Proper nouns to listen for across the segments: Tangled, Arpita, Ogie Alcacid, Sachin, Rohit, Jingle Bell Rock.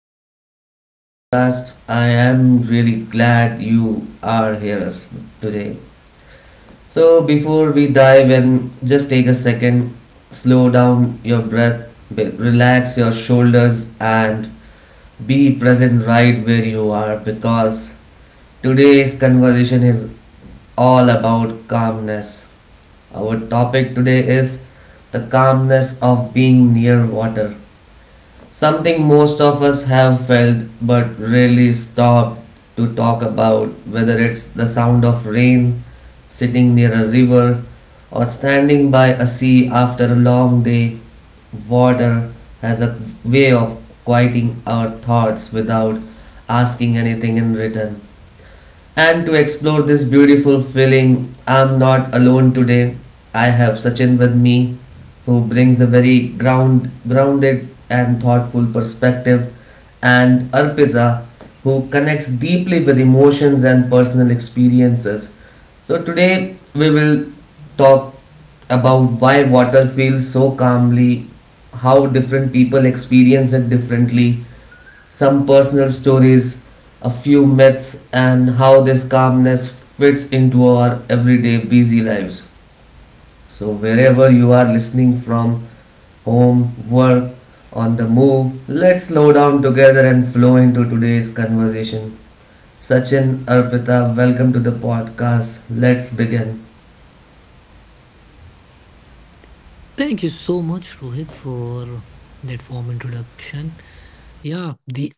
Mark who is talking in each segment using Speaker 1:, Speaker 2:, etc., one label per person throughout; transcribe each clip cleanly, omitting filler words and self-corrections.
Speaker 1: welcome back to the podcast. I am really glad you are here us today. So, before we dive in, just take a second, slow down your breath, relax your shoulders, and be present right where you are because today's conversation is all about calmness. Our topic today is the calmness of being near water. Something most of us have felt but rarely stopped to talk about, whether it's the sound of rain, sitting near a river, or standing by a sea after a long day. Water has a way of quieting our thoughts without asking anything in return. And to explore this beautiful feeling, I'm not alone today. I have Sachin with me, who brings a very grounded and thoughtful perspective, and Arpita, who connects deeply with emotions and personal experiences. So, today we will talk about why water feels so calmly, how different people experience it differently, some personal stories, a few myths, and how this calmness fits into our everyday busy lives. So, wherever you are listening from, home, work, on the move, let's slow down together and flow into today's conversation. Sachin, Arpita, welcome to the podcast. Let's begin.
Speaker 2: Thank you so much, Rohit, for that warm introduction. Yeah, the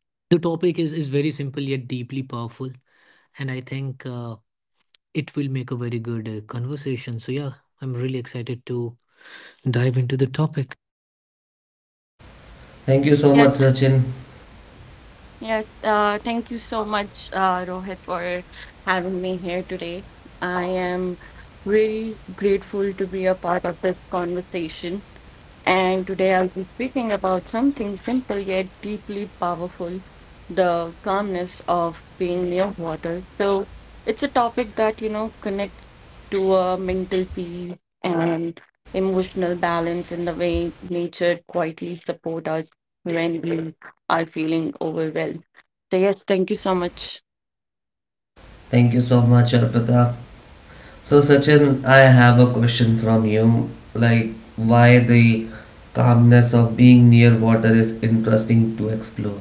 Speaker 2: the topic is very simple yet deeply powerful, and I think it will make a very good conversation. So yeah, I'm really excited to dive into the topic.
Speaker 1: Thank you so much,
Speaker 3: Yes,
Speaker 1: Sachin.
Speaker 3: yes. Thank you so much, Rohit, for having me here today. I am really grateful to be a part of this conversation, and today I'll be speaking about something simple yet deeply powerful, the calmness of being near water. So, it's a topic that connects to a mental peace and emotional balance in the way nature quietly support us when we are feeling overwhelmed. So, yes, thank you so much.
Speaker 1: Thank you so much, Arpita. So Sachin, I have a question from you. Like, why the calmness of being near water is interesting to explore.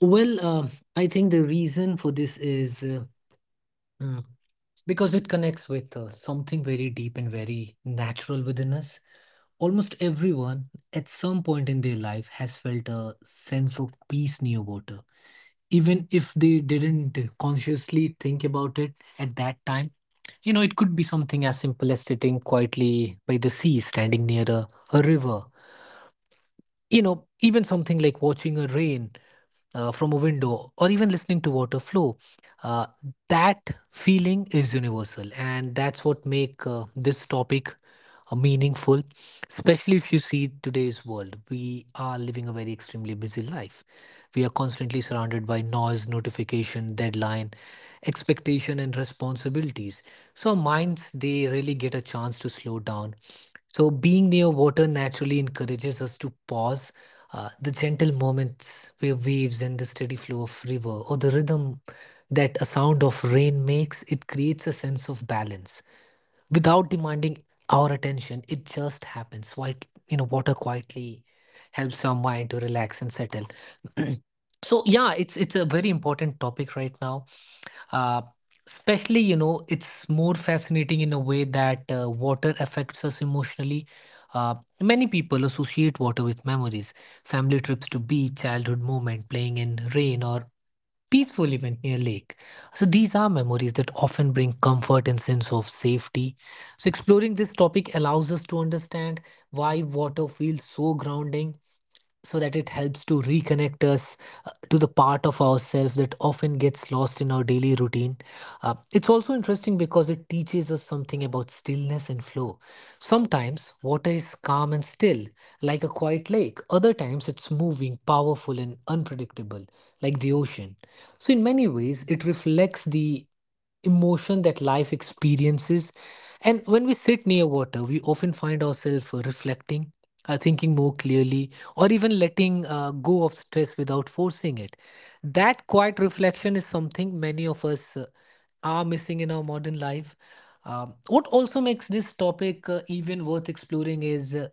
Speaker 2: Well, uh, I think the reason for this is mm, because it connects with something very deep and very natural within us. Almost everyone at some point in their life has felt a sense of peace near water even if they didn't consciously think about it at that time. You know, it could be something as simple as sitting quietly by the sea, standing near a river, you know, even something like watching a rain from a window or even listening to water flow. Uh, that feeling is universal and that's what make this topic meaningful, especially if you see today's world. We are living a very extremely busy life. We are constantly surrounded by noise, notification, deadline, expectation, and responsibilities. So our minds they really get a chance to slow down. So being near water naturally encourages us to pause. The gentle moments waves and the steady flow of river or the rhythm that a sound of rain makes, it creates a sense of balance without demanding our attention. It just happens. White, you know, water quietly helps our mind to relax and settle. So yeah, it's a very important topic right now, uh, especially, you know, it's more fascinating in a way that water affects us emotionally. Uh, many people associate water with memories, family trips to beach, childhood moment, playing in rain, or peaceful event near lake. So these are memories that often bring comfort and sense of safety. So exploring this topic allows us to understand why water feels so grounding, so that it helps to reconnect us to the part of ourselves that often gets lost in our daily routine. It's also interesting because it teaches us something about stillness and flow. Sometimes water is calm and still, like a quiet lake, other times it's moving, powerful, and unpredictable, like the ocean. So, in many ways, it reflects the emotion that life experiences. And when we sit near water, we often find ourselves reflecting, thinking more clearly, or even letting go of stress without forcing it. That quiet reflection is something many of us are missing in our modern life. What also makes this topic even worth exploring is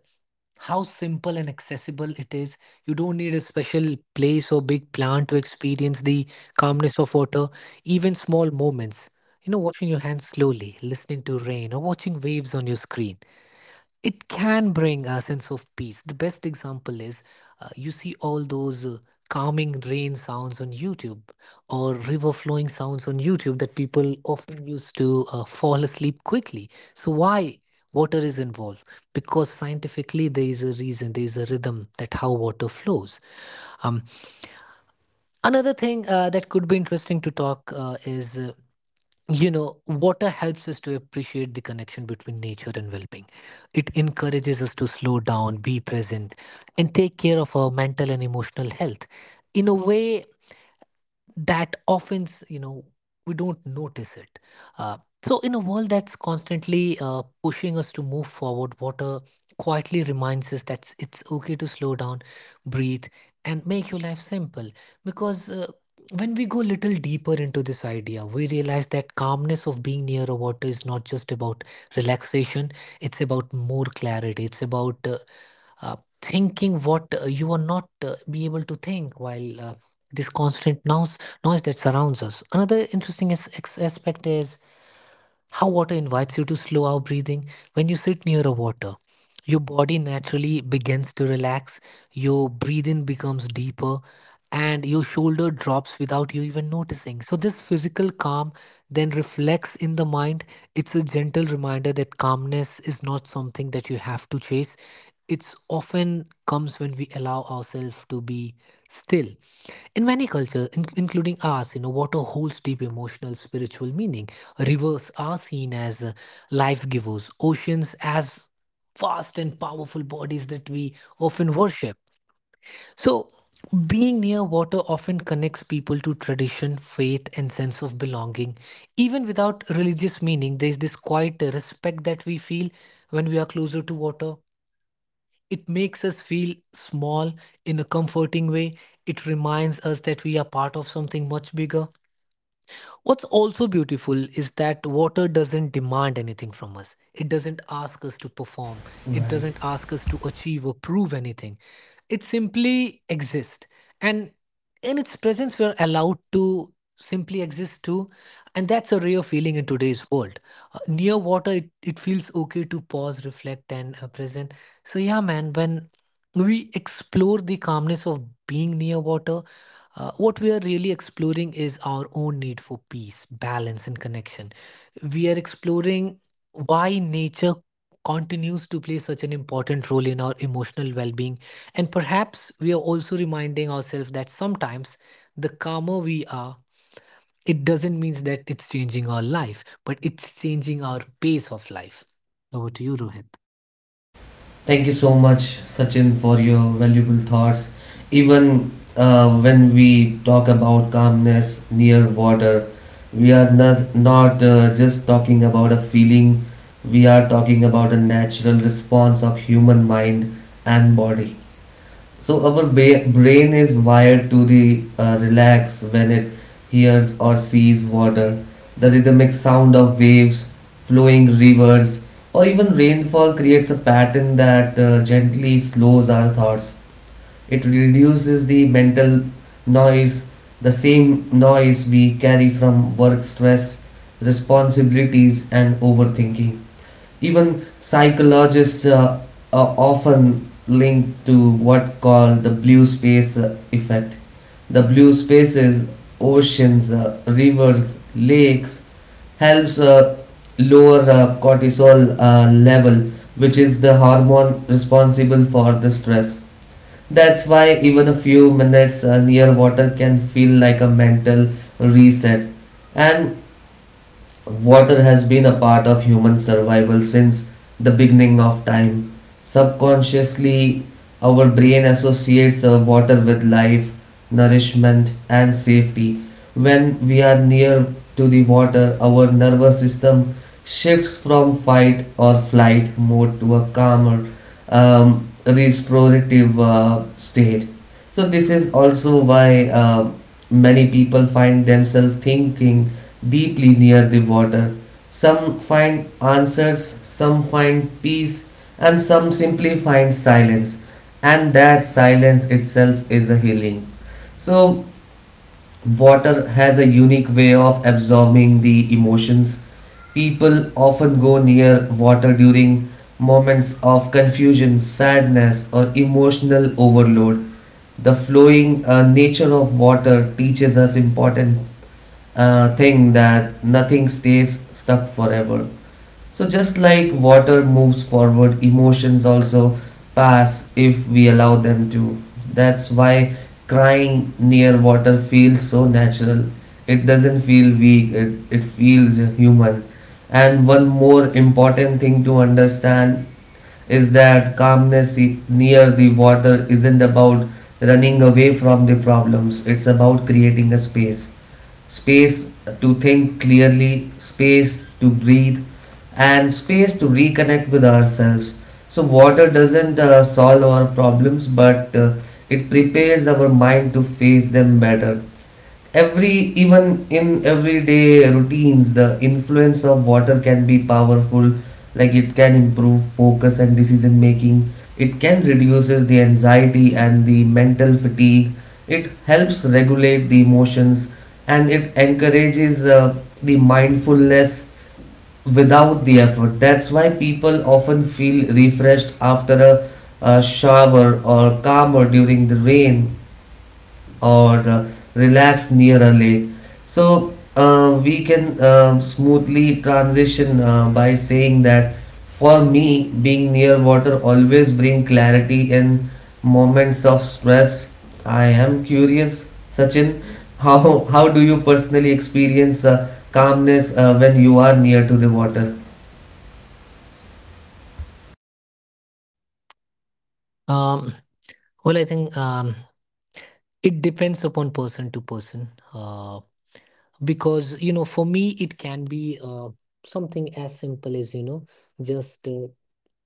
Speaker 2: how simple and accessible it is. You don't need a special place or big plan to experience the calmness of water, even small moments. You know, washing your hands slowly, listening to rain, or watching waves on your screen, it can bring a sense of peace. The best example is you see all those calming rain sounds on YouTube or river flowing sounds on YouTube that people often use to fall asleep quickly. So, why water is involved? Because scientifically, there is a reason, there is a rhythm that how water flows. Um, another thing that could be interesting to talk is. You know, water helps us to appreciate the connection between nature and well being. It encourages us to slow down, be present, and take care of our mental and emotional health. In a way, that often, you know, we don't notice it, uh, so in a world that's constantly pushing us to move forward, water quietly reminds us that it's okay to slow down, breathe, and make your life simple, because when we go little deeper into this idea we realize that calmness of being near a water is not just about relaxation. It's about more clarity, it's about thinking what you will not be able to think while this constant noise that surrounds us. Another interesting aspect is how water invites you to slow our breathing. When you sit near a water, your body naturally begins to relax, your breathing becomes deeper, and your shoulder drops without you even noticing. So, this physical calm then reflects in the mind. It's a gentle reminder that calmness is not something that you have to chase. It's often comes when we allow ourselves to be still. In many cultures, including ours, you know, water holds deep emotional, spiritual meaning. Rivers are seen as life givers, oceans as fast and powerful bodies that we often worship. So, being near water often connects people to tradition, faith, and sense of belonging. Even without religious meaning, there is this quiet respect that we feel when we are closer to water. It makes us feel small in a comforting way. It reminds us that we are part of something much bigger. What's also beautiful is that water doesn't demand anything from us. It doesn't ask us to perform. It doesn't ask us to achieve or prove anything. It simply exists. And in its presence, we're allowed to simply exist too. And that's a rare feeling in today's world. Near water, it feels okay to pause, reflect, and present. So, yeah, man, when we explore the calmness of being near water. What we are really exploring is our own need for peace, balance, and connection. We are exploring why nature continues to play such an important role in our emotional well being. And perhaps we are also reminding ourselves that sometimes the calmer we are, it doesn't mean that it's changing our life, but it's changing our pace of life. Over to you, Rohit.
Speaker 1: Thank you so much, Sachin, for your valuable thoughts. Even when we talk about calmness near water, we are not just talking about a feeling. We are talking about a natural response of human mind and body. So our brain is wired to the relax when it hears or sees water. The rhythmic sound of waves, flowing rivers, or even rainfall creates a pattern that gently slows our thoughts. It reduces the mental noise, the same noise we carry from work stress, responsibilities, and overthinking. Even psychologists are often linked to what called the blue space effect. The blue spaces, oceans, rivers, lakes helps lower cortisol level, which is the hormone responsible for the stress. That's why even a few minutes near water can feel like a mental reset. And water has been a part of human survival since the beginning of time. Subconsciously, our brain associates water with life, nourishment, and safety. When we are near to the water, our nervous system shifts from fight or flight mode to a calmer, restorative state. So, this is also why many people find themselves thinking deeply near the water. Some find answers, some find peace, and some simply find silence. And that silence itself is a healing. So, water has a unique way of absorbing the emotions. People often go near water during moments of confusion, sadness, or emotional overload. The flowing nature of water teaches us important thing that nothing stays stuck forever. So, just like water moves forward, emotions also pass if we allow them to. That's why crying near water feels so natural. It doesn't feel weak, it feels human. And one more important thing to understand is that calmness near the water isn't about running away from the problems. It's about creating a space to think clearly, space to breathe, and space to reconnect with ourselves. So, water doesn't solve our problems, but it prepares our mind to face them better every even in everyday routines. The influence of water can be powerful. Like, it can improve focus and decision making, it can reduces the anxiety and the mental fatigue, it helps regulate the emotions, and it encourages the mindfulness without the effort. That's why people often feel refreshed after a shower, or calmer during the rain, or relax near a lake. So we can smoothly transition by saying that for me, being near water always bring clarity in moments of stress. I am curious, Sachin, how do you personally experience calmness when you are near to the water?
Speaker 2: Um, Well, I think it depends upon person to person. Uh, because, you know, for me, it can be something as simple as, you know, just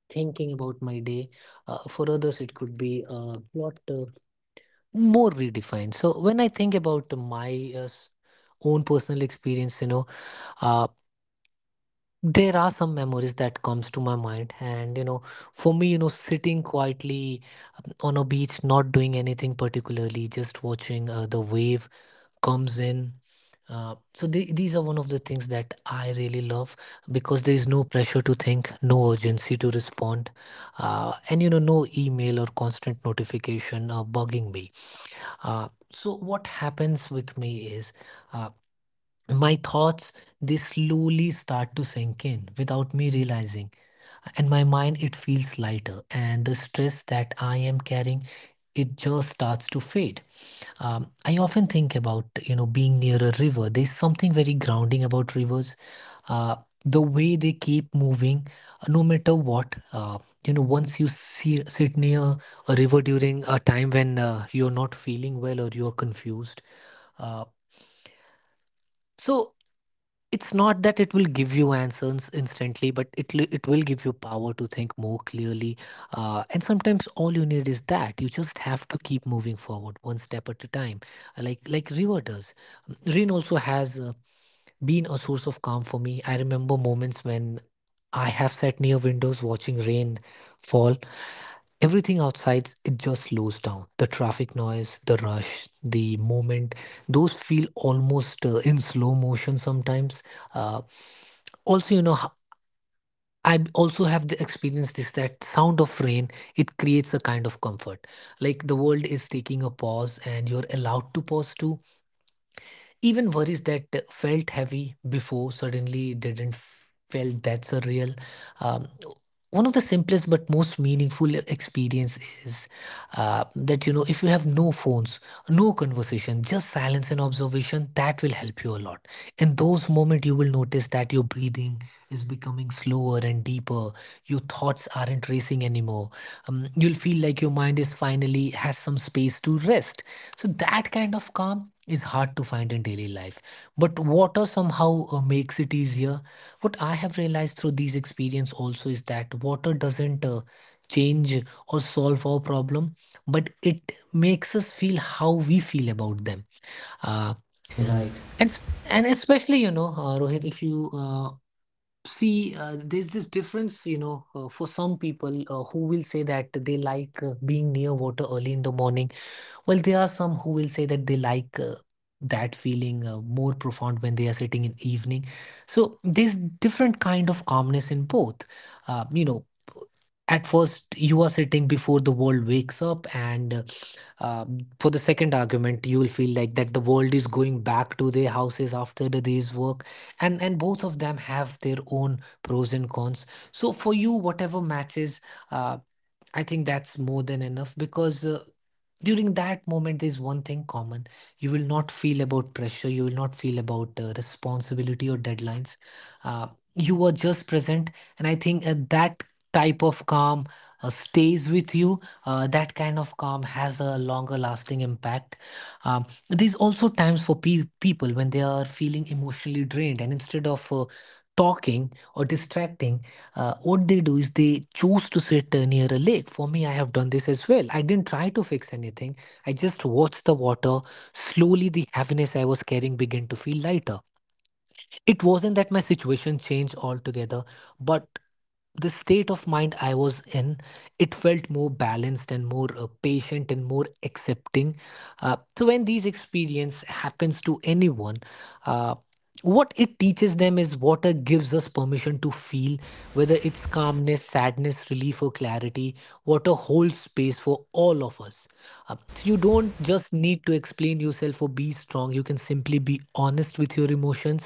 Speaker 2: thinking about my day. For others, it could be a lot more redefined. So when I think about my own personal experience, you know, uh, there are some memories that comes to my mind, and you know, for me, you know, sitting quietly on a beach, not doing anything particularly, just watching the wave comes in. These are one of the things that I really love, because there is no pressure to think, no urgency to respond, and you know, no email or constant notification bugging me. So what happens with me is uh, my thoughts, they slowly start to sink in without me realizing. And my mind, it feels lighter. And the stress that I am carrying, it just starts to fade. I often think about, you know, being near a river. There's something very grounding about rivers. Uh, the way they keep moving, no matter what. You know, once you sit near a river during a time when you're not feeling well or you're confused. Uh, so It's not that it will give you answers instantly, but it will give you power to think more clearly. And sometimes all you need is that. You just have to keep moving forward one step at a time, uh, like River does. Rain also has been a source of calm for me. I remember moments when I have sat near windows watching rain fall. Everything outside, it just slows down, the traffic noise, the rush, the movement, those feel almost in slow motion sometimes. Uh, also you know, I also have the experience this that sound of rain, it creates a kind of comfort, like the world is taking a pause and you're allowed to pause too. Even worries that felt heavy before suddenly didn't felt that surreal. Um, one of the simplest but most meaningful experience is that you know, if you have no phones, no conversation, just silence and observation, that will help you a lot. In those moments, you will notice that your breathing is becoming slower and deeper. Your thoughts aren't racing anymore. You'll feel like your mind is finally has some space to rest. So that kind of calm is hard to find in daily life, but water somehow makes it easier. What I have realized through these experience also is that water doesn't change or solve our problem, but it makes us feel how we feel about them, uh,
Speaker 1: Right.
Speaker 2: and s- and especially, you know, Rohit, if you see, there's this difference, you know, for some people who will say that they like being near water early in the morning, well, there are some who will say that they like that feeling more profound when they are sitting in evening. So there's different kind of calmness in both. Uh, you know, at first you are sitting before the world wakes up and for the second argument you will feel like that the world is going back to their houses after the day's work, and both of them have their own pros and cons. So for you whatever matches, uh, I think that's more than enough. Because During that moment, there's one thing common. You will not feel about pressure. You will not feel about responsibility or deadlines. Uh, you are just present. And I think that type of calm stays with you. That kind of calm has a longer lasting impact. There's also times for people when they are feeling emotionally drained. And instead of talking or distracting, what they do is they choose to sit near a lake. For me, I have done this as well. I didn't try to fix anything. I just watched the water. Slowly, the heaviness I was carrying began to feel lighter. It wasn't that my situation changed altogether, but the state of mind I was in, it felt more balanced and more patient and more accepting. So when these experience happens to anyone, uh, what it teaches them is water gives us permission to feel, whether it's calmness, sadness, relief, or clarity, water holds space for all of us. So you don't just need to explain yourself or be strong, you can simply be honest with your emotions,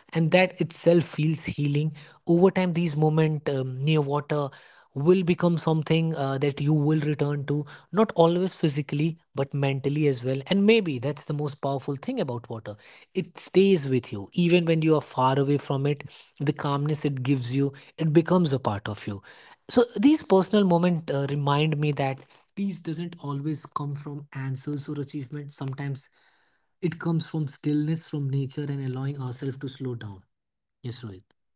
Speaker 2: and that itself feels healing. Over time, these moments near water will become something that you will return to, not always physically, but mentally as well. And maybe that's the most powerful thing about water. It stays with you, even when you are far away from it. The calmness it gives you, it becomes a part of you. So these personal moments remind me that peace doesn't always come from answers or achievements. Sometimes it comes from stillness, from nature, and allowing ourselves to slow down. Yes, Rohit.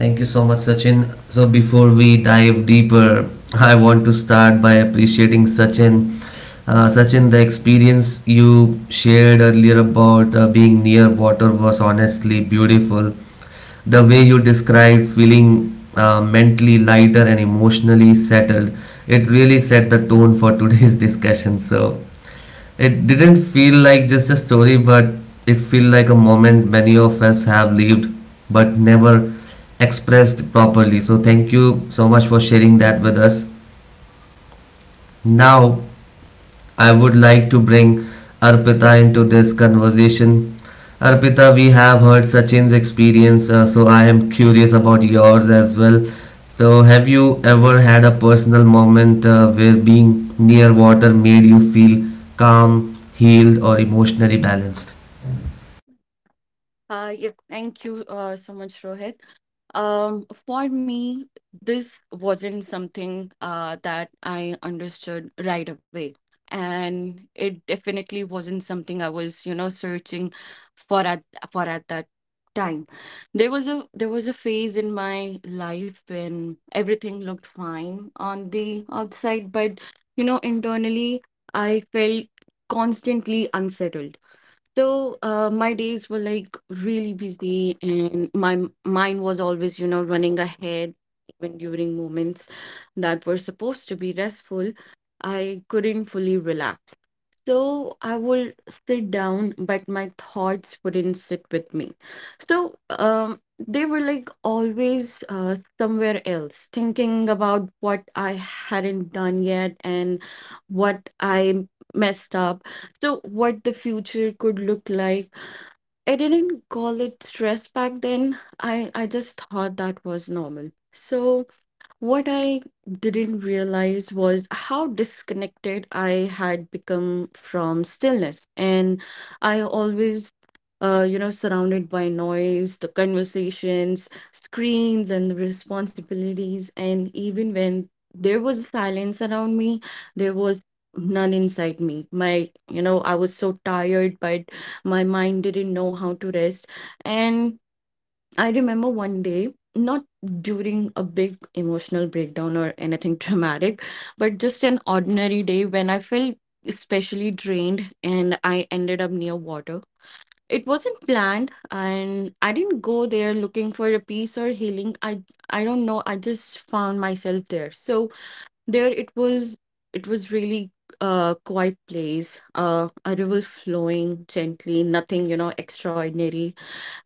Speaker 1: Thank you so much, Sachin. So, before we dive deeper, I want to start by appreciating Sachin. Sachin, the experience you shared earlier about being near water was honestly beautiful. The way you described feeling mentally lighter and emotionally settled, it really set the tone for today's discussion. So, it didn't feel like just a story, but it felt like a moment many of us have lived but never expressed properly. So, thank you so much for sharing that with us. Now, I would like to bring Arpita into this conversation. Arpita, we have heard Sachin's experience, so I am curious about yours as well. So, have you ever had a personal moment where being near water made you feel calm, healed, or emotionally balanced?
Speaker 3: Yeah, thank you so much, Rohit. For me, this wasn't something that I understood right away. And it definitely wasn't something I was, you know, searching for at for at that time. There was a phase in my life when everything looked fine on the outside, but you know, internally I felt constantly unsettled. So my days were like really busy, and my mind was always, you know, running ahead, even during moments that were supposed to be restful. I couldn't fully relax. So I would sit down, but my thoughts wouldn't sit with me. So they were like always somewhere else, thinking about what I hadn't done yet and what I messed up. So what the future could look like. I didn't call it stress back then. I just thought that was normal. So, what I didn't realize was how disconnected I had become from stillness. And I always, you know, surrounded by noise, the conversations, screens, and the responsibilities. And even when there was silence around me, there was none inside me. My, you know, I was so tired, but my mind didn't know how to rest. And I remember one day, not during a big emotional breakdown or anything dramatic, but just an ordinary day when I felt especially drained, and I ended up near water. It wasn't planned and I didn't go there looking for a peace or healing. I don't know, I just found myself there. So there it was, it was really a quiet place, a river flowing gently, nothing, you know, extraordinary.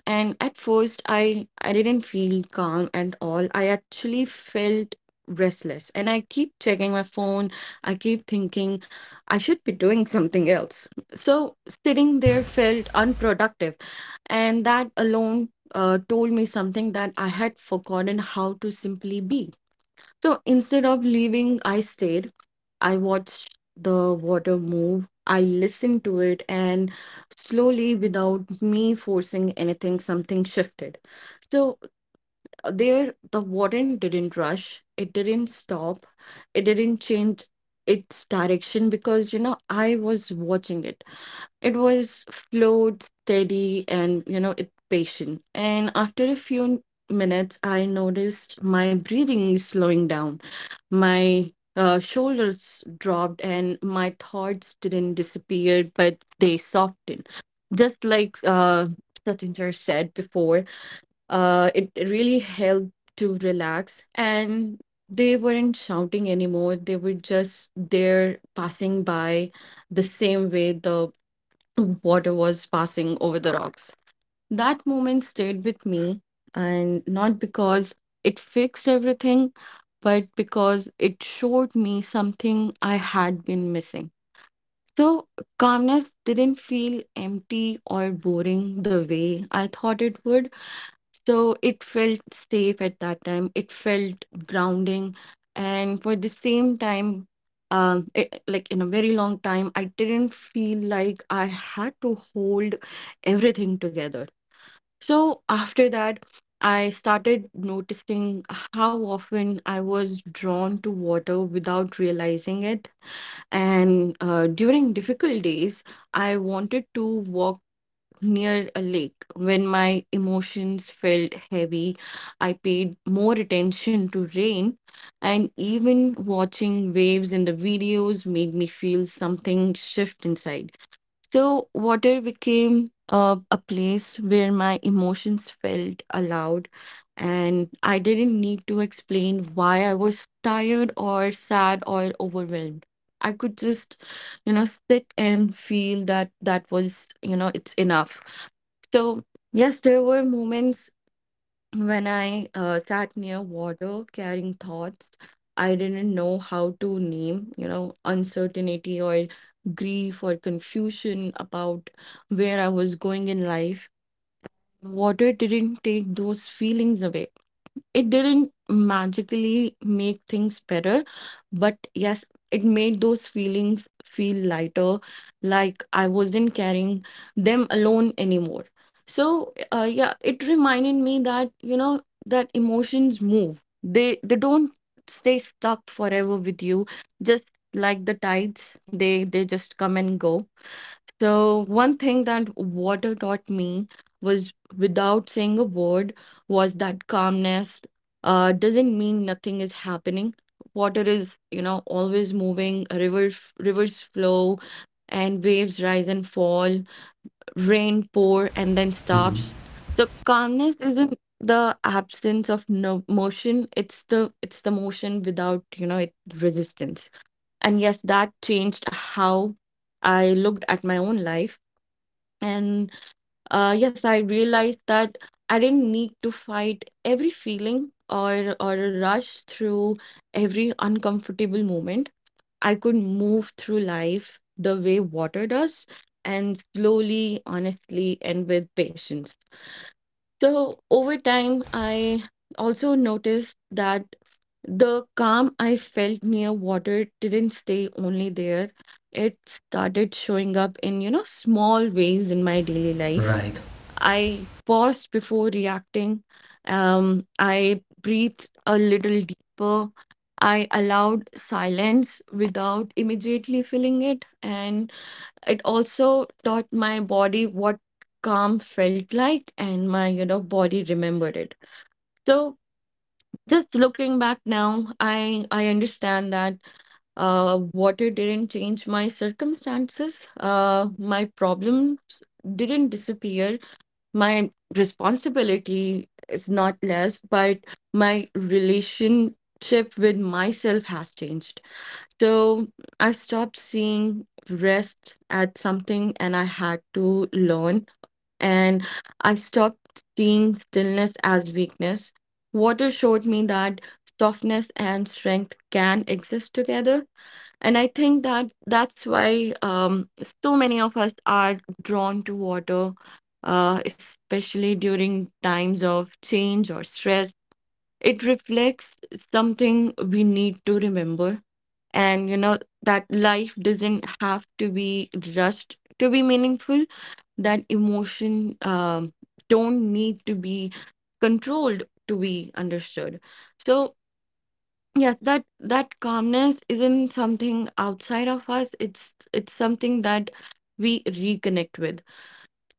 Speaker 3: And at first, I didn't feel calm at all. I actually felt restless, and I keep checking my phone. I keep thinking I should be doing something else. So sitting there felt unproductive, and that alone told me something, that I had forgotten how to simply be. So instead of leaving, I stayed. I watched the water move. I listened to it, and slowly, without me forcing anything, something shifted. So there, the water didn't rush, it didn't stop, it didn't change its direction because, you know, I was watching it. It was flowed steady and, you know, it patient. And after a few minutes, I noticed my breathing is slowing down. My shoulders dropped and my thoughts didn't disappear, but they softened. Just like Satinder said before, it really helped to relax. And they weren't shouting anymore. They were just there passing by the same way the water was passing over the rocks. That moment stayed with me, and not because it fixed everything, but because it showed me something I had been missing. So, calmness didn't feel empty or boring the way I thought it would. So, it felt safe at that time. It felt grounding. And for the same time, it, like in a very long time, I didn't feel like I had to hold everything together. So after that, I started noticing how often I was drawn to water without realizing it. And during difficult days, I wanted to walk near a lake. When my emotions felt heavy, I paid more attention to rain. And even watching waves in the videos made me feel something shift inside. So, water became a place where my emotions felt allowed, and I didn't need to explain why I was tired or sad or overwhelmed. I could just, you know, sit and feel that, that was, you know, it's enough. So, yes, there were moments when I sat near water carrying thoughts I didn't know how to name, you know, uncertainty or grief or confusion about where I was going in life. Water didn't take those feelings away. It didn't magically make things better, but yes, it made those feelings feel lighter, like I wasn't carrying them alone anymore. So, yeah, it reminded me that, you know, that emotions move. They don't stay stuck forever with you, just like the tides, they just come and go. So, one thing that water taught me, was without saying a word, was that calmness doesn't mean nothing is happening. Water is, you know, always moving, river, rivers flow, and waves rise and fall, rain pour and then stops. So, calmness isn't the absence of no motion, it's the motion without, you know, it resistance. And yes, that changed how I looked at my own life. And yes, I realized that I didn't need to fight every feeling or rush through every uncomfortable moment. I could move through life the way water does, and slowly, honestly, and with patience. So over time, I also noticed that the calm I felt near water didn't stay only there. It started showing up in, you know, small ways in my daily life.
Speaker 1: Right.
Speaker 3: I paused before reacting. I breathed a little deeper. I allowed silence without immediately filling it. And it also taught my body what calm felt like, and my, you know, body remembered it. So just looking back now, I understand that water didn't change my circumstances. My problems didn't disappear, my responsibility is not less, but my relationship with myself has changed. So I stopped seeing rest as something and I had to learn, and I stopped seeing stillness as weakness. Water showed me that softness and strength can exist together, and I think that that's why so many of us are drawn to water, especially during times of change or stress. It reflects something we need to remember. And you know, that life doesn't have to be rushed to be meaningful, that emotion don't need to be controlled to be understood. So yes, that that calmness isn't something outside of us. It's something that we reconnect with.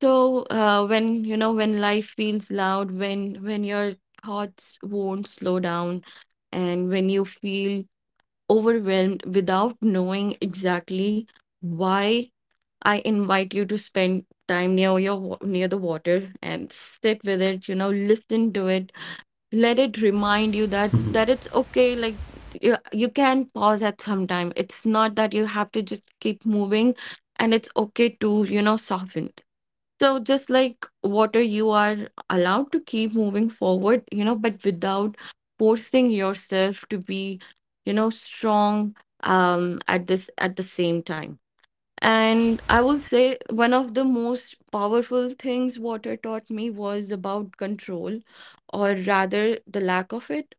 Speaker 3: So when you know when life feels loud, when your thoughts won't slow down, and when you feel overwhelmed without knowing exactly why, I invite you to spend time near your near the water and sit with it. You know, listen to it, let it remind you that that it's okay. Like you can pause at some time, it's not that you have to just keep moving, and it's okay to, you know, soften. So just like water, you are allowed to keep moving forward, you know, but without forcing yourself to be, you know, strong. Um, at this, at the same time, and I will say, one of the most powerful things water taught me was about control, or rather the lack of it.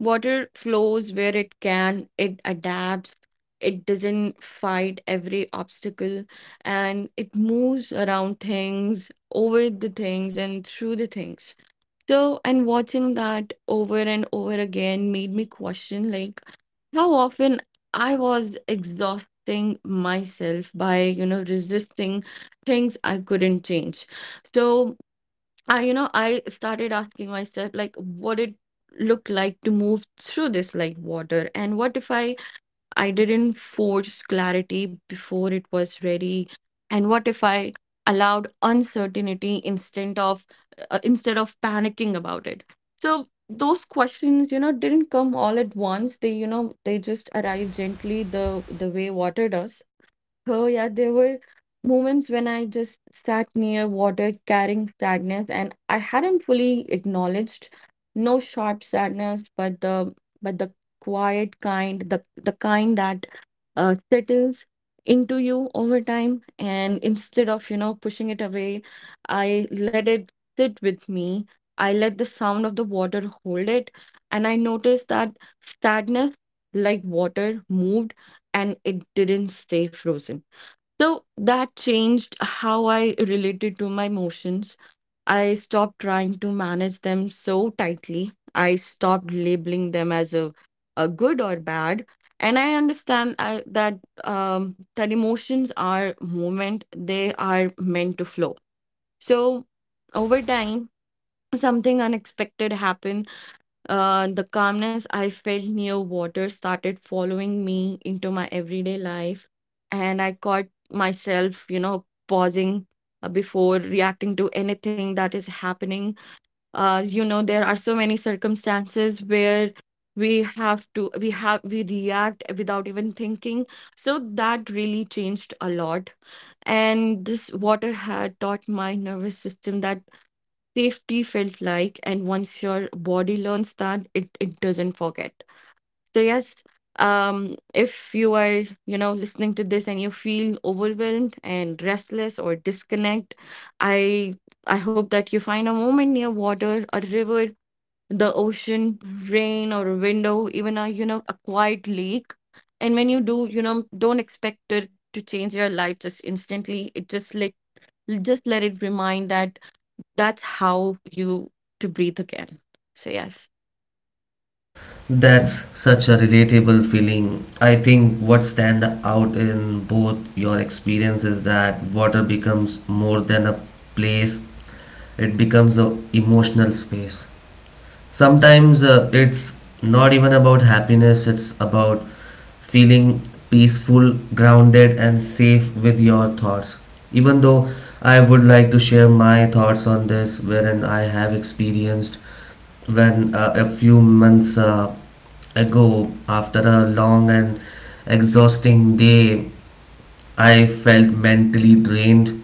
Speaker 3: Water flows where it can, it adapts, it doesn't fight every obstacle, and it moves around things, over the things, and through the things. So, and watching that over and over again made me question, like, how often I was exhausting myself by, you know, resisting things I couldn't change. So I, you know, I started asking myself, like, what it look like to move through this like water, and what if I didn't force clarity before it was ready. And what if I allowed uncertainty instead of panicking about it? So those questions, you know, didn't come all at once. They, you know, they just arrived gently the way water does. Oh, yeah, there were moments when I just sat near water carrying sadness, and I hadn't fully acknowledged, no sharp sadness, but the quiet kind, the kind that settles into you over time, and instead of, you know, pushing it away, I let it sit with me. I let the sound of the water hold it, and I noticed that sadness, like water, moved, and it didn't stay frozen. So that changed how I related to my emotions. I stopped trying to manage them so tightly. I stopped labeling them as a good or bad. And I understand I, that that emotions are movement, they are meant to flow. So over time, something unexpected happened. The calmness I felt near water started following me into my everyday life, and I caught myself, you know, pausing before reacting to anything that is happening. You know, there are so many circumstances where we have to, we have, we react without even thinking. So that really changed a lot. And this water had taught my nervous system that safety felt like, and once your body learns that it doesn't forget. So yes, um if you are listening to this and you feel overwhelmed and restless or disconnect, i I hope that you find a moment near water, a river, the ocean, rain, or a window, even a a quiet lake. And when you do, don't expect it to change your life just instantly. It just like, just let it remind that that's how you to breathe again. So yes.
Speaker 1: That's such a relatable feeling. I think what stands out in both your experience is that water becomes more than a place, it becomes a emotional space. Sometimes it's not even about happiness, it's about feeling peaceful, grounded, and safe with your thoughts. Even though I would like to share my thoughts on this, wherein I have experienced when a few months ago, after a long and exhausting day, I felt mentally drained.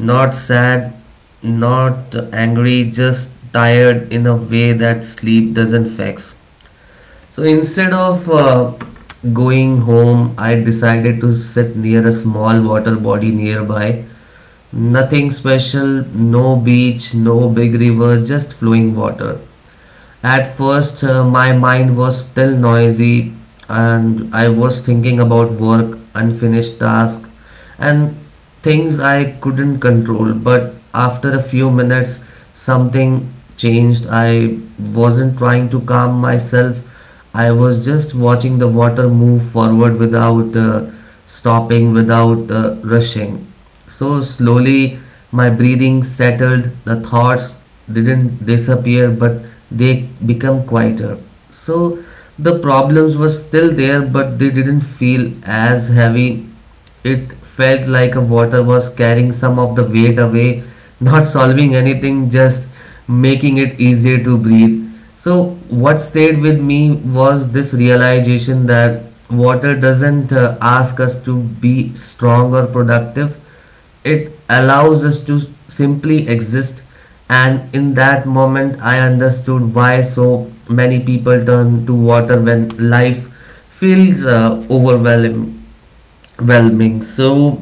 Speaker 1: Not sad, not angry, just tired in a way that sleep doesn't fix. So instead of going home, I decided to sit near a small water body nearby. Nothing special, no beach, no big river, just flowing water. At first, my mind was still noisy, and I was thinking about work, unfinished tasks, and things I couldn't control. But after a few minutes, something changed. I wasn't trying to calm myself, I was just watching the water move forward without stopping, without rushing. So slowly my breathing settled, the thoughts didn't disappear, but they become quieter. So the problems were still there, but they didn't feel as heavy. It felt like a water was carrying some of the weight away, not solving anything, just making it easier to breathe. So, what stayed with me was this realization that water doesn't ask us to be strong or productive, it allows us to simply exist. And in that moment, I understood why so many people turn to water when life feels overwhelming. Whelming. So,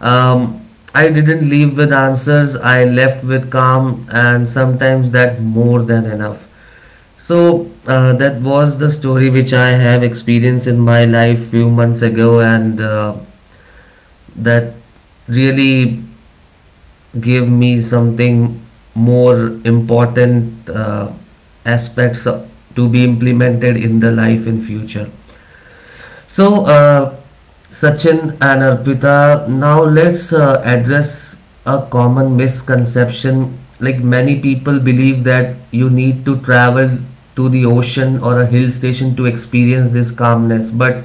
Speaker 1: um, I didn't leave with answers. I left with calm, and sometimes that more than enough. So that was the story which I have experienced in my life few months ago, and that really gave me something more important aspects to be implemented in the life in future. So, Sachin and Arpita, now let's address a common misconception. Like, many people believe that you need to travel to the ocean or a hill station to experience this calmness, but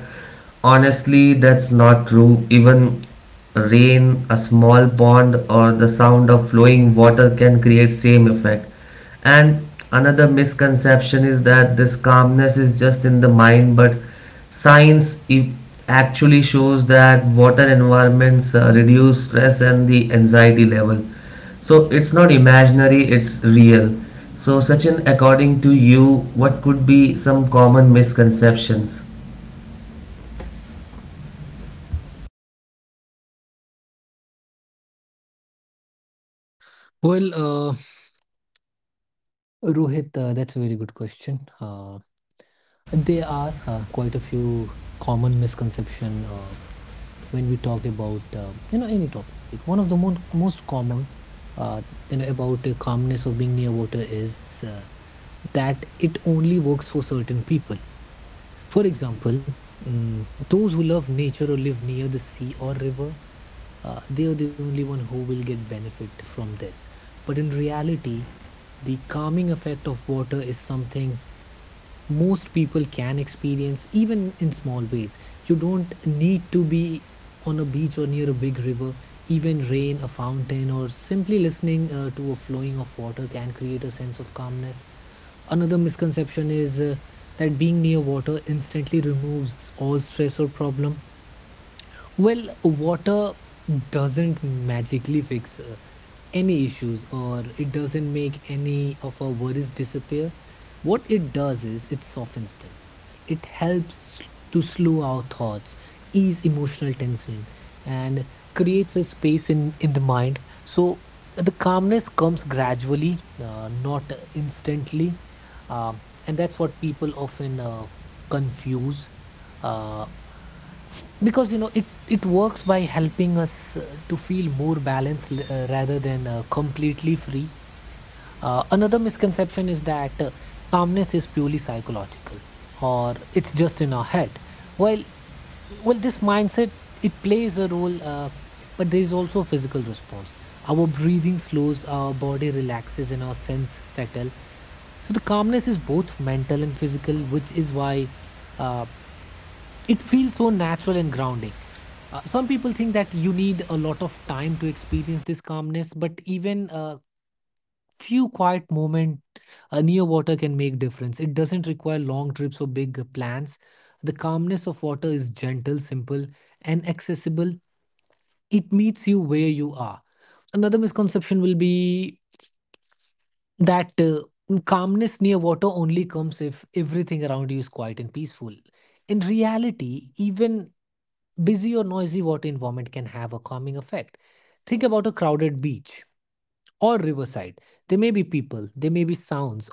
Speaker 1: honestly, that's not true. Even rain, a small pond, or the sound of flowing water can create same effect. And another misconception is that this calmness is just in the mind, but science actually shows that water environments reduce stress and the anxiety level. So it's not imaginary, it's real. So, Sachin, according to you, what could be some common misconceptions?
Speaker 2: Well, uh, Rohit, that's a very good question. Uh, there are quite a few common misconception when we talk about any topic. One of the mo most common uh, about calmness or being near water is that it only works for certain people. For example, those who love nature or live near the sea or river, they are the only one who will get benefit from this. But in reality, the calming effect of water is something most people can experience, even in small ways. You don't need to be on a beach or near a big river. Even rain, a fountain, or simply listening to a flowing of water can create a sense of calmness. Another misconception is that being near water instantly removes all stress or problem. Well, water doesn't magically fix any issues, or it doesn't make any of our worries disappear. What it does is it softens them. It helps to slow our thoughts, ease emotional tension, and creates a space in the mind. So the calmness comes gradually, not instantly. And that's what people often confuse. Uh, because you know it works by helping us to feel more balanced rather than completely free. Another misconception is that calmness is purely psychological, or it's just in our head. well this mindset, it plays a role, but there is also a physical response. Our breathing slows, our body relaxes, and our sense settle. So the calmness is both mental and physical, which is why uh, it feels so natural and grounding. Some people think that you need a lot of time to experience this calmness, but even a few quiet moments near water can make difference. It doesn't require long trips or big plans. The calmness of water is gentle, simple, and accessible. It meets you where you are. Another misconception will be that calmness near water only comes if everything around you is quiet and peaceful. In reality, even busy or noisy water environment can have a calming effect. Think about a crowded beach or riverside. There may be people, there may be sounds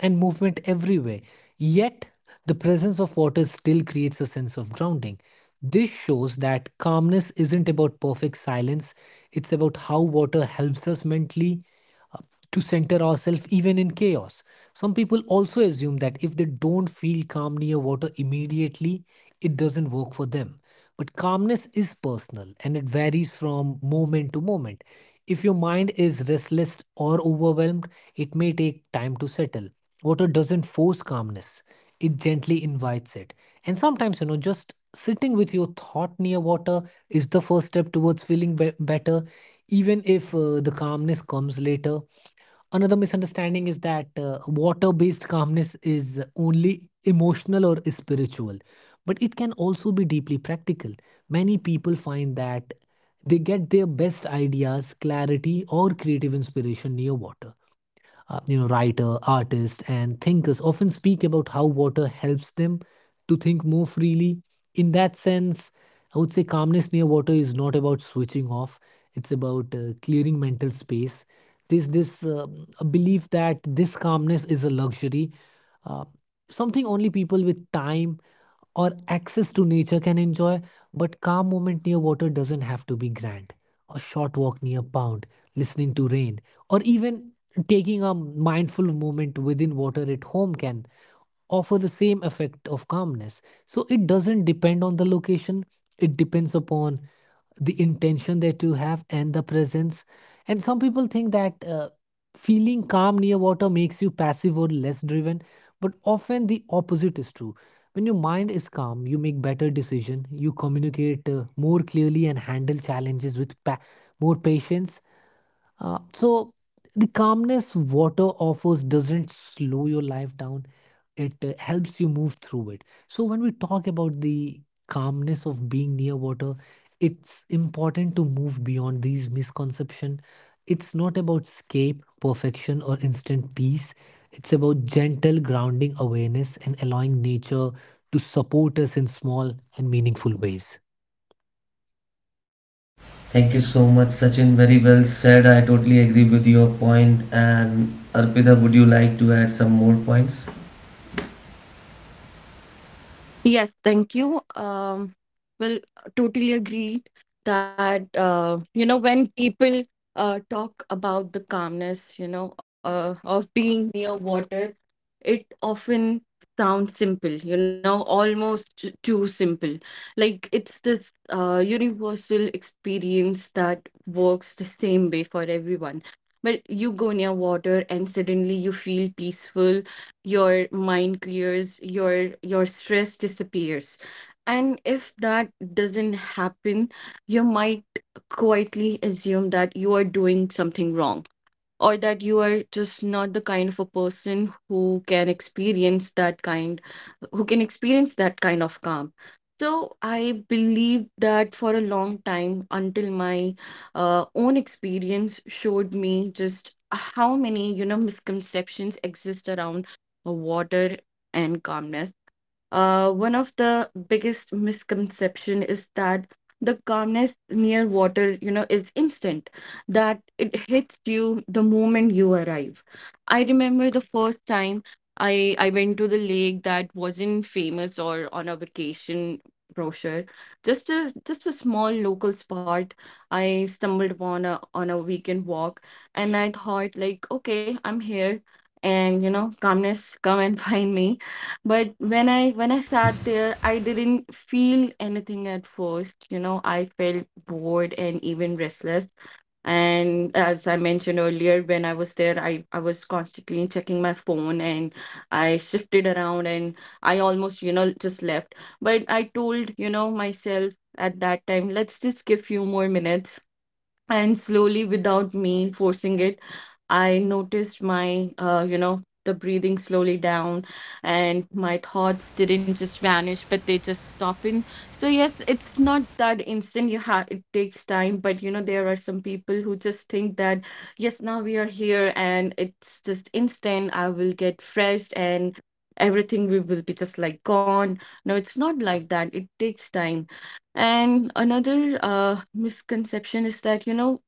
Speaker 2: and movement everywhere, yet the presence of water still creates a sense of grounding. This shows that calmness isn't about perfect silence, it's about how water helps us mentally uh, to center ourselves even in chaos. Some people also assume that if they don't feel calm near water immediately, it doesn't work for them. But calmness is personal, and it varies from moment to moment. If your mind is restless or overwhelmed, it may take time to settle. Water doesn't force calmness, it gently invites it. And sometimes, you know, just sitting with your thought near water is the first step towards feeling better, even if the calmness comes later. Another misunderstanding is that water based calmness is only emotional or spiritual, but it can also be deeply practical. Many people find that they get their best ideas, clarity, or creative inspiration near water. Writer, artists and thinkers often speak about how water helps them to think more freely. In that sense, I would say calmness near water is not about switching off, it's about clearing mental space. There's this a belief that this calmness is a luxury, uh, something only people with time or access to nature can enjoy, but calm moment near water doesn't have to be grand. A short walk near a pond, listening to rain, or even taking a mindful moment within water at home can offer the same effect of calmness. So it doesn't depend on the location, it depends upon the intention that you have and the presence. And some people think that feeling calm near water makes you passive or less driven, but often the opposite is true. When your mind is calm, you make better decision, you communicate more clearly, and handle challenges with more patience. So the calmness water offers doesn't slow your life down. It helps you move through it. So when we talk about the calmness of being near water, it's important to move beyond these misconceptions. It's not about escape, perfection, or instant peace. It's about gentle grounding awareness and allowing nature to support us in small and meaningful ways.
Speaker 1: Thank you so much, Sachin. Very well said. I totally agree with your point. And Arpita, would you like to add some more points?
Speaker 3: Yes, thank you. Will totally agree that you know, when people talk about the calmness, of being near water, it often sounds simple, you know, almost too simple. Like it's this universal experience that works the same way for everyone. But you go near water and suddenly you feel peaceful, your mind clears, your stress disappears. And if that doesn't happen, you might quietly assume that you are doing something wrong, or that you are just not the kind of a person who can experience that kind, of calm. So I believe that for a long time, until my own experience showed me just how many, you know, misconceptions exist around water and calmness. One of the biggest misconception is that the calmness near water, you know, is instant, that it hits you the moment you arrive. I remember the first time I went to the lake that wasn't famous or on a vacation brochure, just a small local spot. I stumbled upon a on a weekend walk, and I thought like, okay, I'm here, and you know, calmness, come and find me. But when I sat there, I didn't feel anything at first. You know, I felt bored and even restless. And as I mentioned earlier, when I was there, I was constantly checking my phone, and I shifted around, and I almost, you know, just left. But I told, you know, myself at that time, let's just give few more minutes. And slowly, without me forcing it, I noticed my, you know, the breathing slowly down, and my thoughts didn't just vanish, but they just stop in. So yes, it's not that instant. You have, it takes time. But you know, there are some people who just think that yes, now we are here, and it's just instant. I will get fresh, and everything we will be just like gone. No, it's not like that. It takes time. And another misconception is that, you know,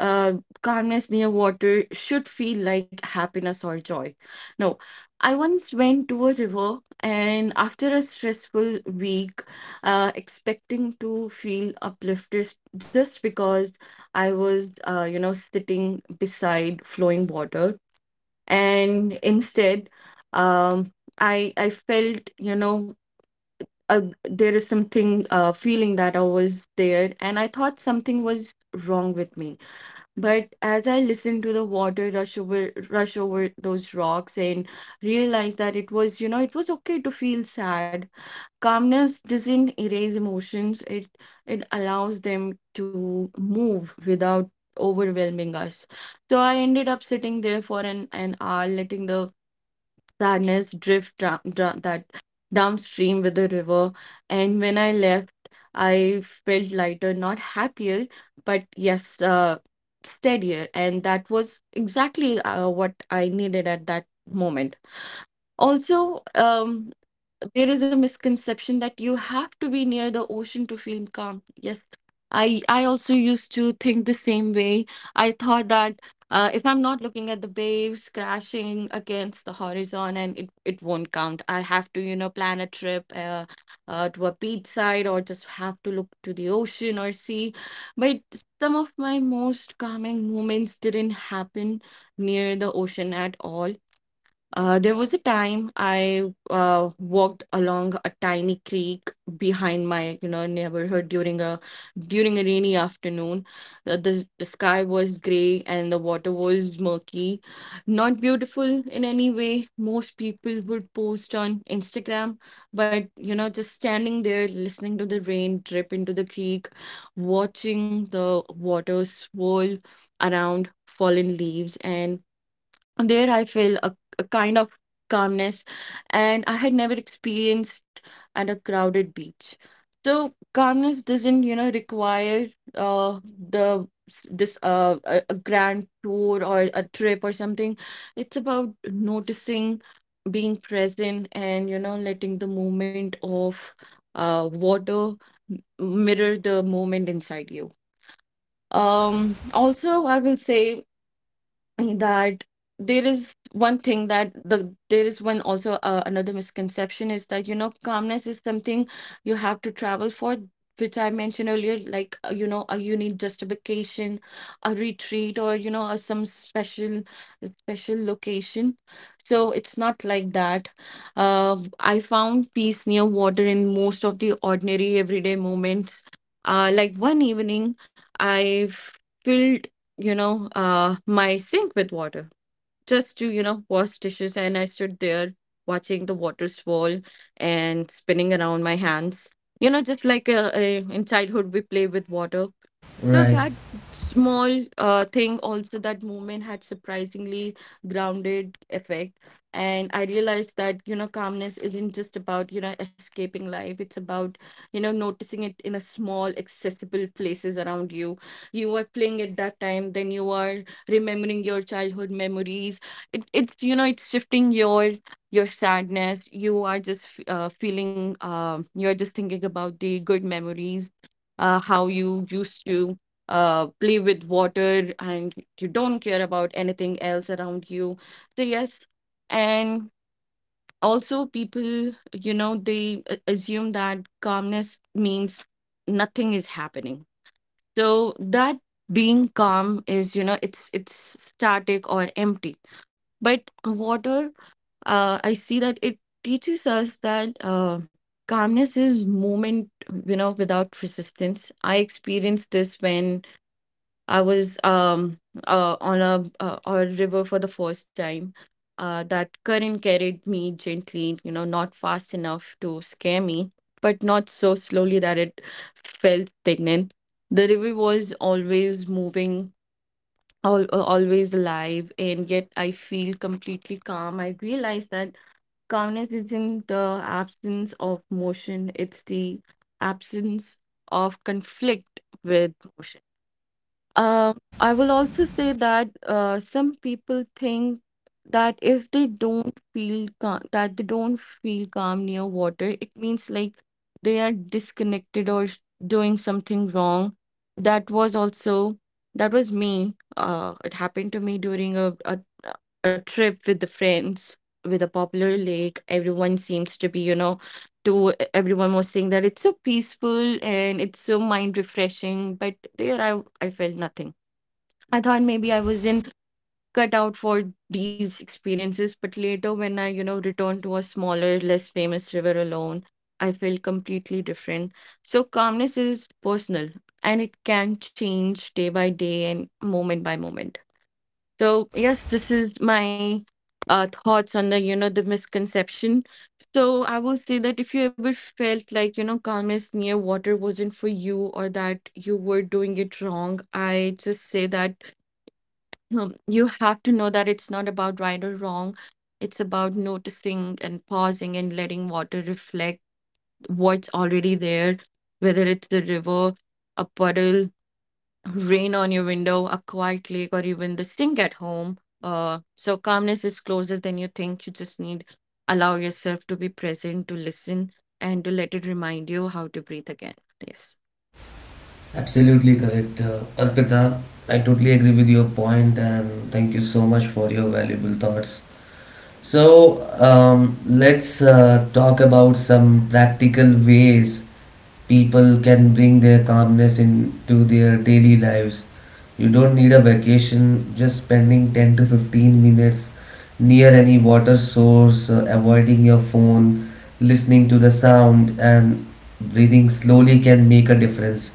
Speaker 3: uh, calmness near water should feel like happiness or joy. No. I once went to a river and after a stressful week, expecting to feel uplifted just because I was, you know, sitting beside flowing water. And instead, um, I felt, you know, uh, there is something, feeling that I was there, and I thought something was wrong with me. But as I listened to the water rush over those rocks, and realized that it was, you know, it was okay to feel sad. Calmness doesn't erase emotions. It allows them to move without overwhelming us. So I ended up sitting there for an hour, letting the sadness that downstream with the river. And when I left, I felt lighter, not happier, but yes, steadier. And that was exactly what I needed at that moment. Also, there is a misconception that you have to be near the ocean to feel calm. Yes, I also used to think the same way. I thought that if I'm not looking at the waves crashing against the horizon, and it won't count. I have to, you know, plan a trip to a beach side, or just have to look to the ocean or sea. But some of my most calming moments didn't happen near the ocean at all. There was a time I walked along a tiny creek behind my, you know, neighborhood during a rainy afternoon. The the sky was gray and the water was murky. Not beautiful in any way. Most people would post on Instagram, but you know, just standing there listening to the rain drip into the creek, watching the water swirl around fallen leaves, and there I feel a kind of calmness, and I had never experienced at a crowded beach. So calmness doesn't, you know, require uh, this a grand tour or a trip or something. It's about noticing, being present, and you know, letting the movement of water mirror the moment inside you. Also, I will say that there is one, also another misconception is that, you know, calmness is something you have to travel for. Which I mentioned earlier, like you need just a vacation, a retreat, or you know, some special location. So it's not like that. I found peace near water in most of the ordinary everyday moments. Like one evening, I filled, you know, my sink with water just to, you know, wash dishes. And I stood there watching the water swirl and spinning around my hands. You know, just like in childhood, we play with water. So
Speaker 1: Right.
Speaker 3: that small thing, also that movement had surprisingly grounded effect. And I realized that, you know, calmness isn't just about, you know, escaping life. It's about, you know, noticing it in a small, accessible places around you. You are playing at that time, then you are remembering your childhood memories. It's, you know, it's shifting your sadness. You are just feeling, you're just thinking about the good memories, how you used to play with water, and you don't care about anything else around you. So yes. And also, people, you know, they assume that calmness means nothing is happening, so that being calm is, you know, it's static or empty. But water, I see that it teaches us that calmness is movement, you know, without resistance. I experienced this when I was on a river for the first time. That current carried me gently, you know, not fast enough to scare me, but not so slowly that it felt stagnant. The river was always moving, al always alive, and yet I feel completely calm. I realize that calmness isn't the absence of motion, it's the absence of conflict with motion. I will also say that some people think that if they don't feel calm, near water, it means like they are disconnected, or doing something wrong. That was also, that was me. It happened to me during a trip with the friends with a popular lake. Everyone seems to be, to everyone was saying that it's so peaceful and it's so mind refreshing, but there I felt nothing. I thought maybe I wasn't cut out for these experiences, but later when I, you know, returned to a smaller, less famous river alone, I felt completely different. So calmness is personal, and it can change day by day and moment by moment. So yes, this is my thoughts on the, you know, the misconception. So I will say that if you ever felt like, you know, calmness near water wasn't for you, or that you were doing it wrong, I just say that, you have to know that it's not about right or wrong. It's about noticing and pausing and letting water reflect what's already there, whether it's a river, a puddle, rain on your window, a quiet lake, or even the stink at home. So calmness is closer than you think. You just need allow yourself to be present, to listen, and to let it remind you how to breathe again. Yes.
Speaker 1: Absolutely correct, Arpita. I totally agree with your point, and thank you so much for your valuable thoughts. So, let's talk about some practical ways people can bring their calmness into their daily lives. You don't need a vacation, just spending 10 to 15 minutes near any water source, avoiding your phone, listening to the sound, and breathing slowly can make a difference.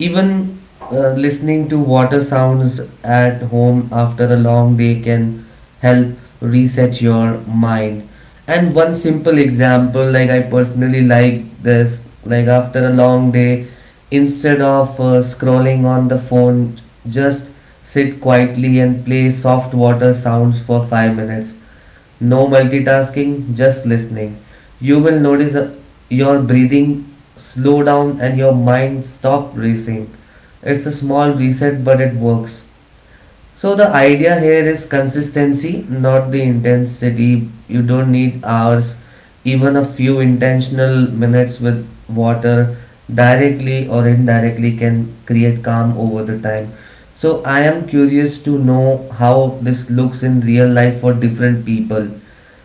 Speaker 1: Even listening to water sounds at home after a long day can help reset your mind. And one simple example, like I personally like this, like after a long day, instead of scrolling on the phone, just sit quietly and play soft water sounds for 5 minutes. No multitasking, just listening. You will notice your breathing slow down and your mind stop racing. It's a small reset, but it works. So the idea here is consistency, not the intensity. You don't need hours, even a few intentional minutes with water directly or indirectly can create calm over the time. So I am curious to know how this looks in real life for different people.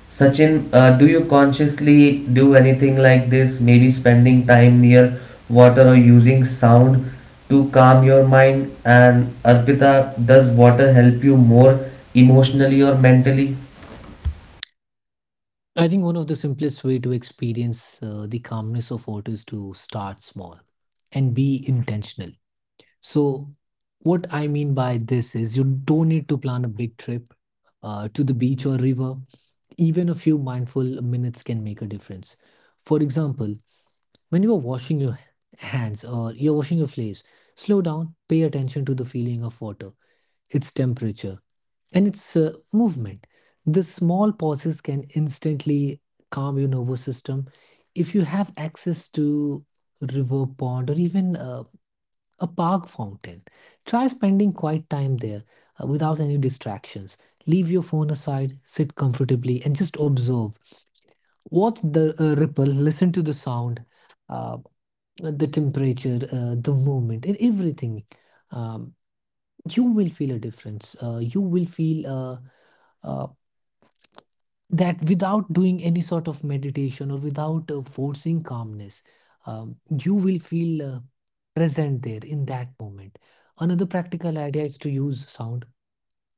Speaker 1: Sachin, do you consciously do anything like this? Maybe spending time near water or using sound to calm your mind? And Arpita, does water help you more emotionally or mentally?
Speaker 2: I think one of the simplest way to experience the calmness of water is to start small and be intentional. So, what I mean by this is you don't need to plan a big trip to the beach or river. Even a few mindful minutes can make a difference. For example, when you are washing your hands or you're washing your face, slow down, pay attention to the feeling of water, its temperature, and it's movement. The small pauses can instantly calm your nervous system. If you have access to river pond or even a park fountain, try spending quiet time there without any distractions. Leave your phone aside, sit comfortably, and just observe. Watch the ripple, listen to the sound, uh, the temperature, the movement, and everything. Um, you will feel a difference. You will feel. Uh, that without doing any sort of meditation or without forcing calmness, um, you will feel present there in that moment. Another practical idea is to use sound.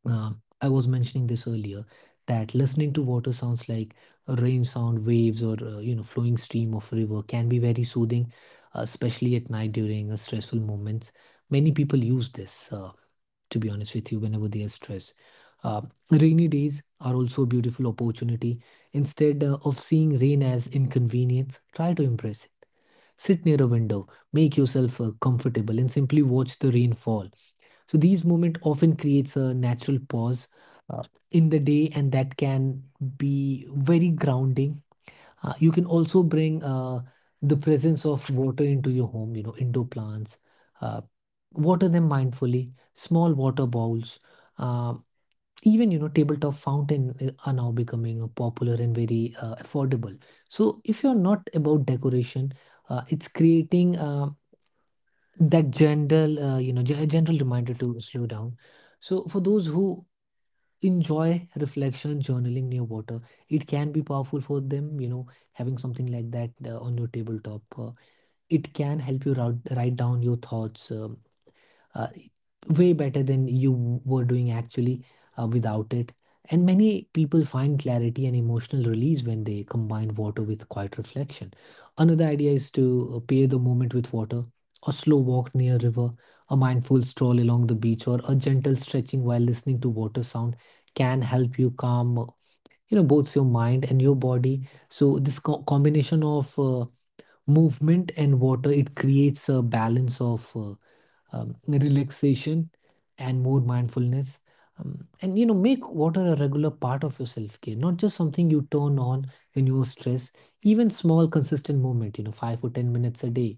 Speaker 2: Uh, I was mentioning this earlier that listening to water sounds like a rain sound, waves, or flowing stream of river can be very soothing, especially at night during stressful moments. Many people use this. To be honest with you, whenever they are stressed. Uh, Rainy days are also a beautiful opportunity. Instead of seeing rain as inconvenience, try to embrace it. Sit near a window, make yourself comfortable, and simply watch the rain fall. So these moments often creates a natural pause uh, in the day, and that can be very grounding. You can also bring the presence of water into your home, you know, indoor plants. Uh, Water them mindfully, small water bowls. Um, Even, you know, tabletop fountain are now becoming popular and very affordable. So if you're not about decoration, it's creating that gentle, gentle reminder to slow down. So for those who enjoy reflection journaling near water, it can be powerful for them. You know, having something like that on your tabletop it can help you route, write down your thoughts uh, way better than you were doing actually without it. And many people find clarity and emotional release when they combine water with quiet reflection. Another idea is to pair the moment with water. A slow walk near a river, a mindful stroll along the beach, or a gentle stretching while listening to water sound can help you calm, both your mind and your body. So this combination of movement and water it creates a balance of relaxation and more mindfulness. And you know, make water a regular part of your self care, not just something you turn on when you're stressed. Even small, consistent movement, you know, 5 or 10 minutes a day,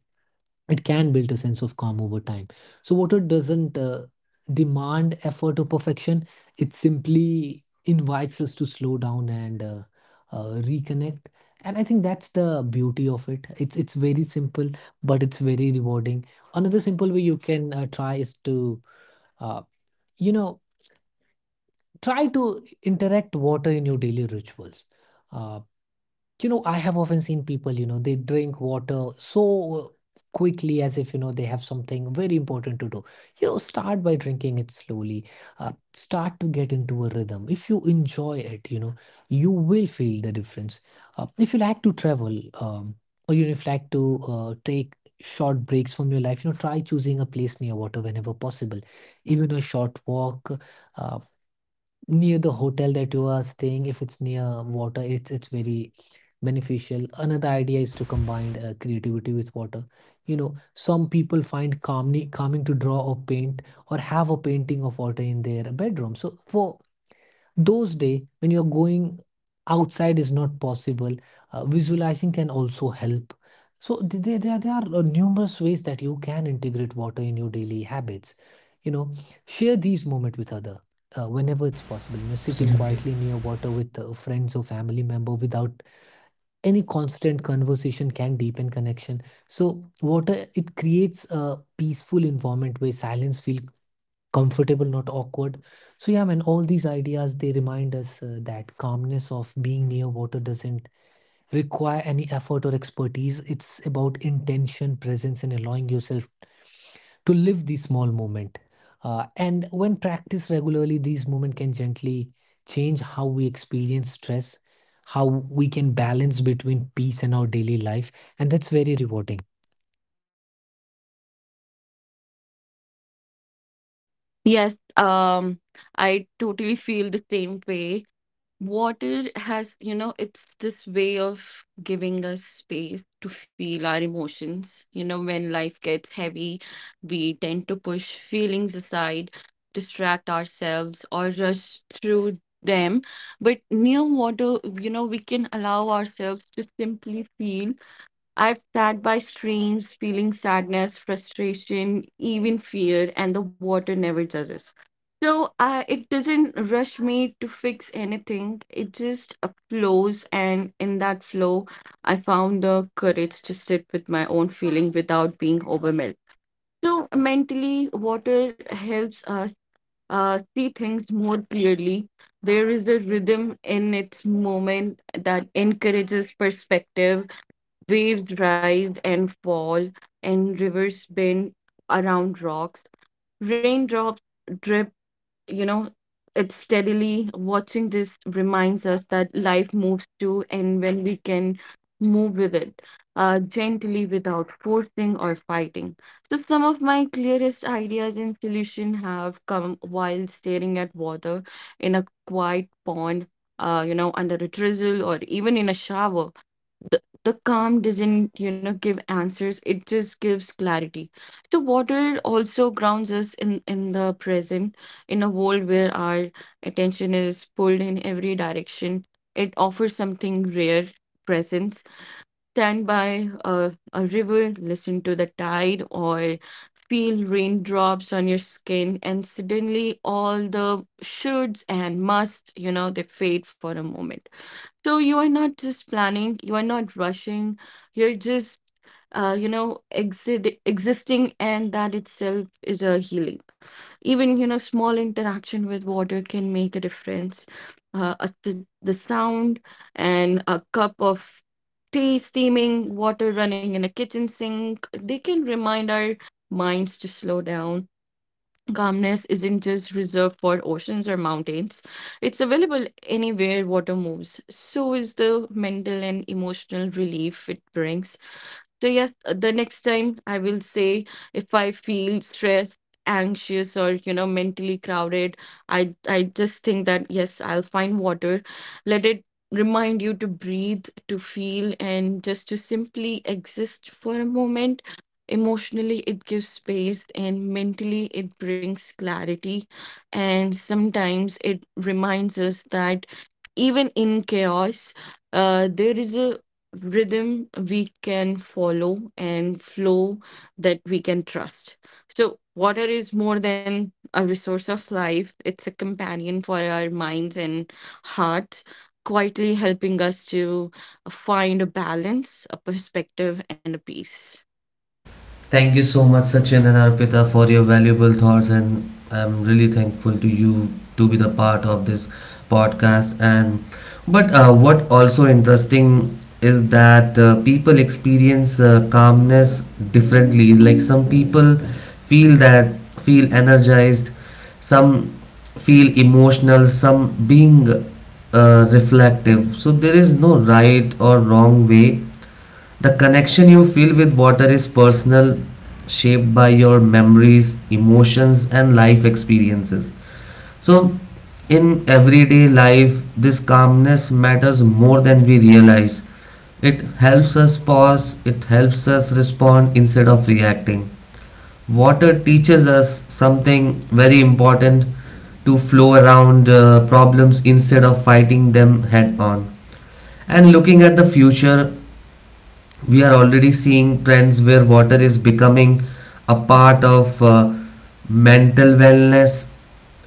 Speaker 2: it can build a sense of calm over time. So water doesn't demand effort or perfection. It simply invites us to slow down and reconnect. And I think that's the beauty of it. It's very simple, but it's very rewarding. Another simple way you can try is to uh, you know try to interact water in your daily rituals. Uh, you know, I have often seen people, you know, they drink water so quickly as if, you know, they have something very important to do. You know, start by drinking it slowly. Start to get into a rhythm. If you enjoy it, you know, you will feel the difference. If you like to travel, or you know, if you like to take short breaks from your life, you know, try choosing a place near water whenever possible. Even a short walk, uh, near the hotel that you are staying, if it's near water, it's very beneficial. Another idea is to combine creativity with water. You know, some people find calmly calming to draw or paint, or have a painting of water in their bedroom. So for those day when you're going outside is not possible, visualizing can also help. There are numerous ways that you can integrate water in your daily habits. You know, share these moments with other whenever it's possible. You know, sitting
Speaker 1: Absolutely.
Speaker 2: quietly near water with friends or family member without any constant conversation can deepen connection. So water, it creates a peaceful environment where silence feel comfortable, not awkward. So yeah, man, all these ideas, they remind us that calmness of being near water doesn't require any effort or expertise. It's about intention, presence, and allowing yourself to live the small moment. And when practiced regularly, these moments can gently change how we experience stress, how we can balance between peace and our daily life, and that's very rewarding.
Speaker 3: Yes, I totally feel the same way. Water has, you know, it's this way of giving us space to feel our emotions. You know, when life gets heavy, we tend to push feelings aside, distract ourselves, or rush through them. But near water, you know, we can allow ourselves to simply feel. I've sat by streams feeling sadness, frustration, even fear, and the water never judges. So it doesn't rush me to fix anything. It just flows, and in that flow, I found the courage to sit with my own feeling without being overwhelmed. So mentally, water helps us see things more clearly. There is a rhythm in its movement that encourages perspective. Waves rise and fall, and rivers bend around rocks. Raindrops drip, you know, it's steadily. Watching this reminds us that life moves too, and when we can move with it, gently without forcing or fighting. So, some of my clearest ideas and solution have come while staring at water in a quiet pond, you know, under a drizzle, or even in a shower. The calm doesn't, you know, give answers, it just gives clarity. So water also grounds us in the present. In a world where our attention is pulled in every direction, it offers something rare: presence. Stand by a river, listen to the tide, or feel raindrops on your skin, and suddenly all the shoulds and musts, you know, they fade for a moment. So you are not just planning, you are not rushing, you're just, you know, exit existing, and that itself is a healing. Even, you know, small interaction with water can make a difference. The sound and a cup of tea steaming, water running in a kitchen sink, they can remind our minds to slow down. Calmness isn't just reserved for oceans or mountains. It's available anywhere water moves. So is the mental and emotional relief it brings. So yes, the next time I will say, if I feel stressed, anxious, or you know, mentally crowded, I just think that yes, I'll find water. Let it remind you to breathe, to feel, and just to simply exist for a moment. Emotionally, it gives space, and mentally, it brings clarity. And sometimes it reminds us that even in chaos, there is a rhythm we can follow and flow that we can trust. So, water is more than a resource of life, it's a companion for our minds and hearts, quietly helping us to find a balance, a perspective, and a peace.
Speaker 1: Thank you so much, Sachin and Arpita, for your valuable thoughts, and I'm really thankful to you to be the part of this podcast. And but what also interesting is that people experience calmness differently. Like, some people feel that feel energized, some feel emotional, some being reflective. So there is no right or wrong way. The connection you feel with water is personal, shaped by your memories, emotions, and life experiences. So, in everyday life, this calmness matters more than we realize. It helps us pause, it helps us respond instead of reacting. Water teaches us something very important, to flow around problems instead of fighting them head on. And looking at the future, we are already seeing trends where water is becoming a part of mental wellness,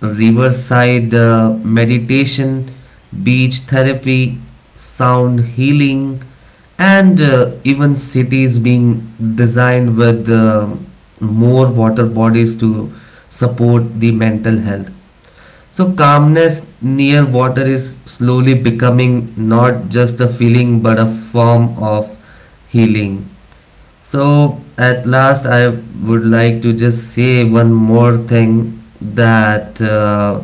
Speaker 1: riverside meditation, beach therapy, sound healing, and even cities being designed with more water bodies to support the mental health. So, calmness near water is slowly becoming not just a feeling but a form of healing. So, at last, I would like to just say one more thing that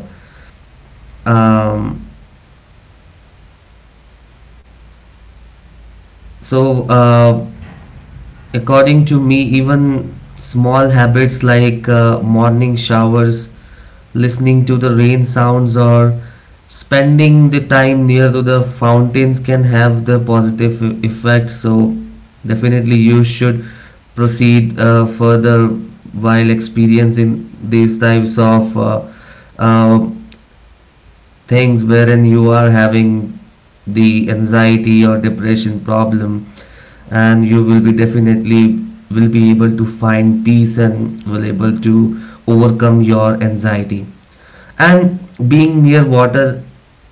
Speaker 1: um, so according to me, even small habits like morning showers, listening to the rain sounds, or spending the time near to the fountains can have the positive effect. So definitely you should proceed further while experiencing these types of uh, things wherein you are having the anxiety or depression problem, and you will be definitely will be able to find peace and will able to overcome your anxiety. And being near water,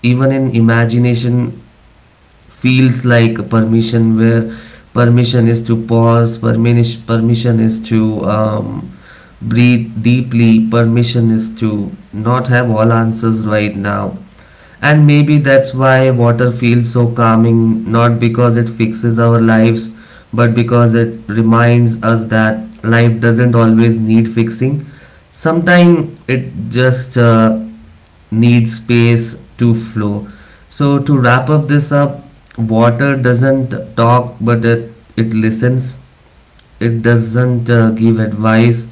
Speaker 1: even in imagination, feels like a permission, where permission is to pause, permission is to breathe deeply, permission is to not have all answers right now. And maybe that's why water feels so calming, not because it fixes our lives, but because it reminds us that life doesn't always need fixing. Sometimes it just needs space to flow. So, to wrap up this up, water doesn't talk, but it listens. It doesn't give advice,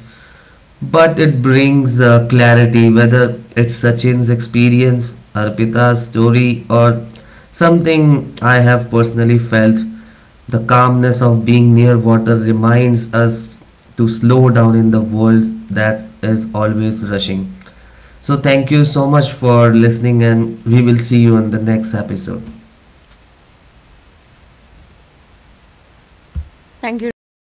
Speaker 1: but it brings clarity, whether it's Sachin's experience, Arpita's story, or something I have personally felt. The calmness of being near water reminds us to slow down in the world that is always rushing. So, thank you so much for listening, and we will see you in the next episode.
Speaker 3: Thank you, Rohit.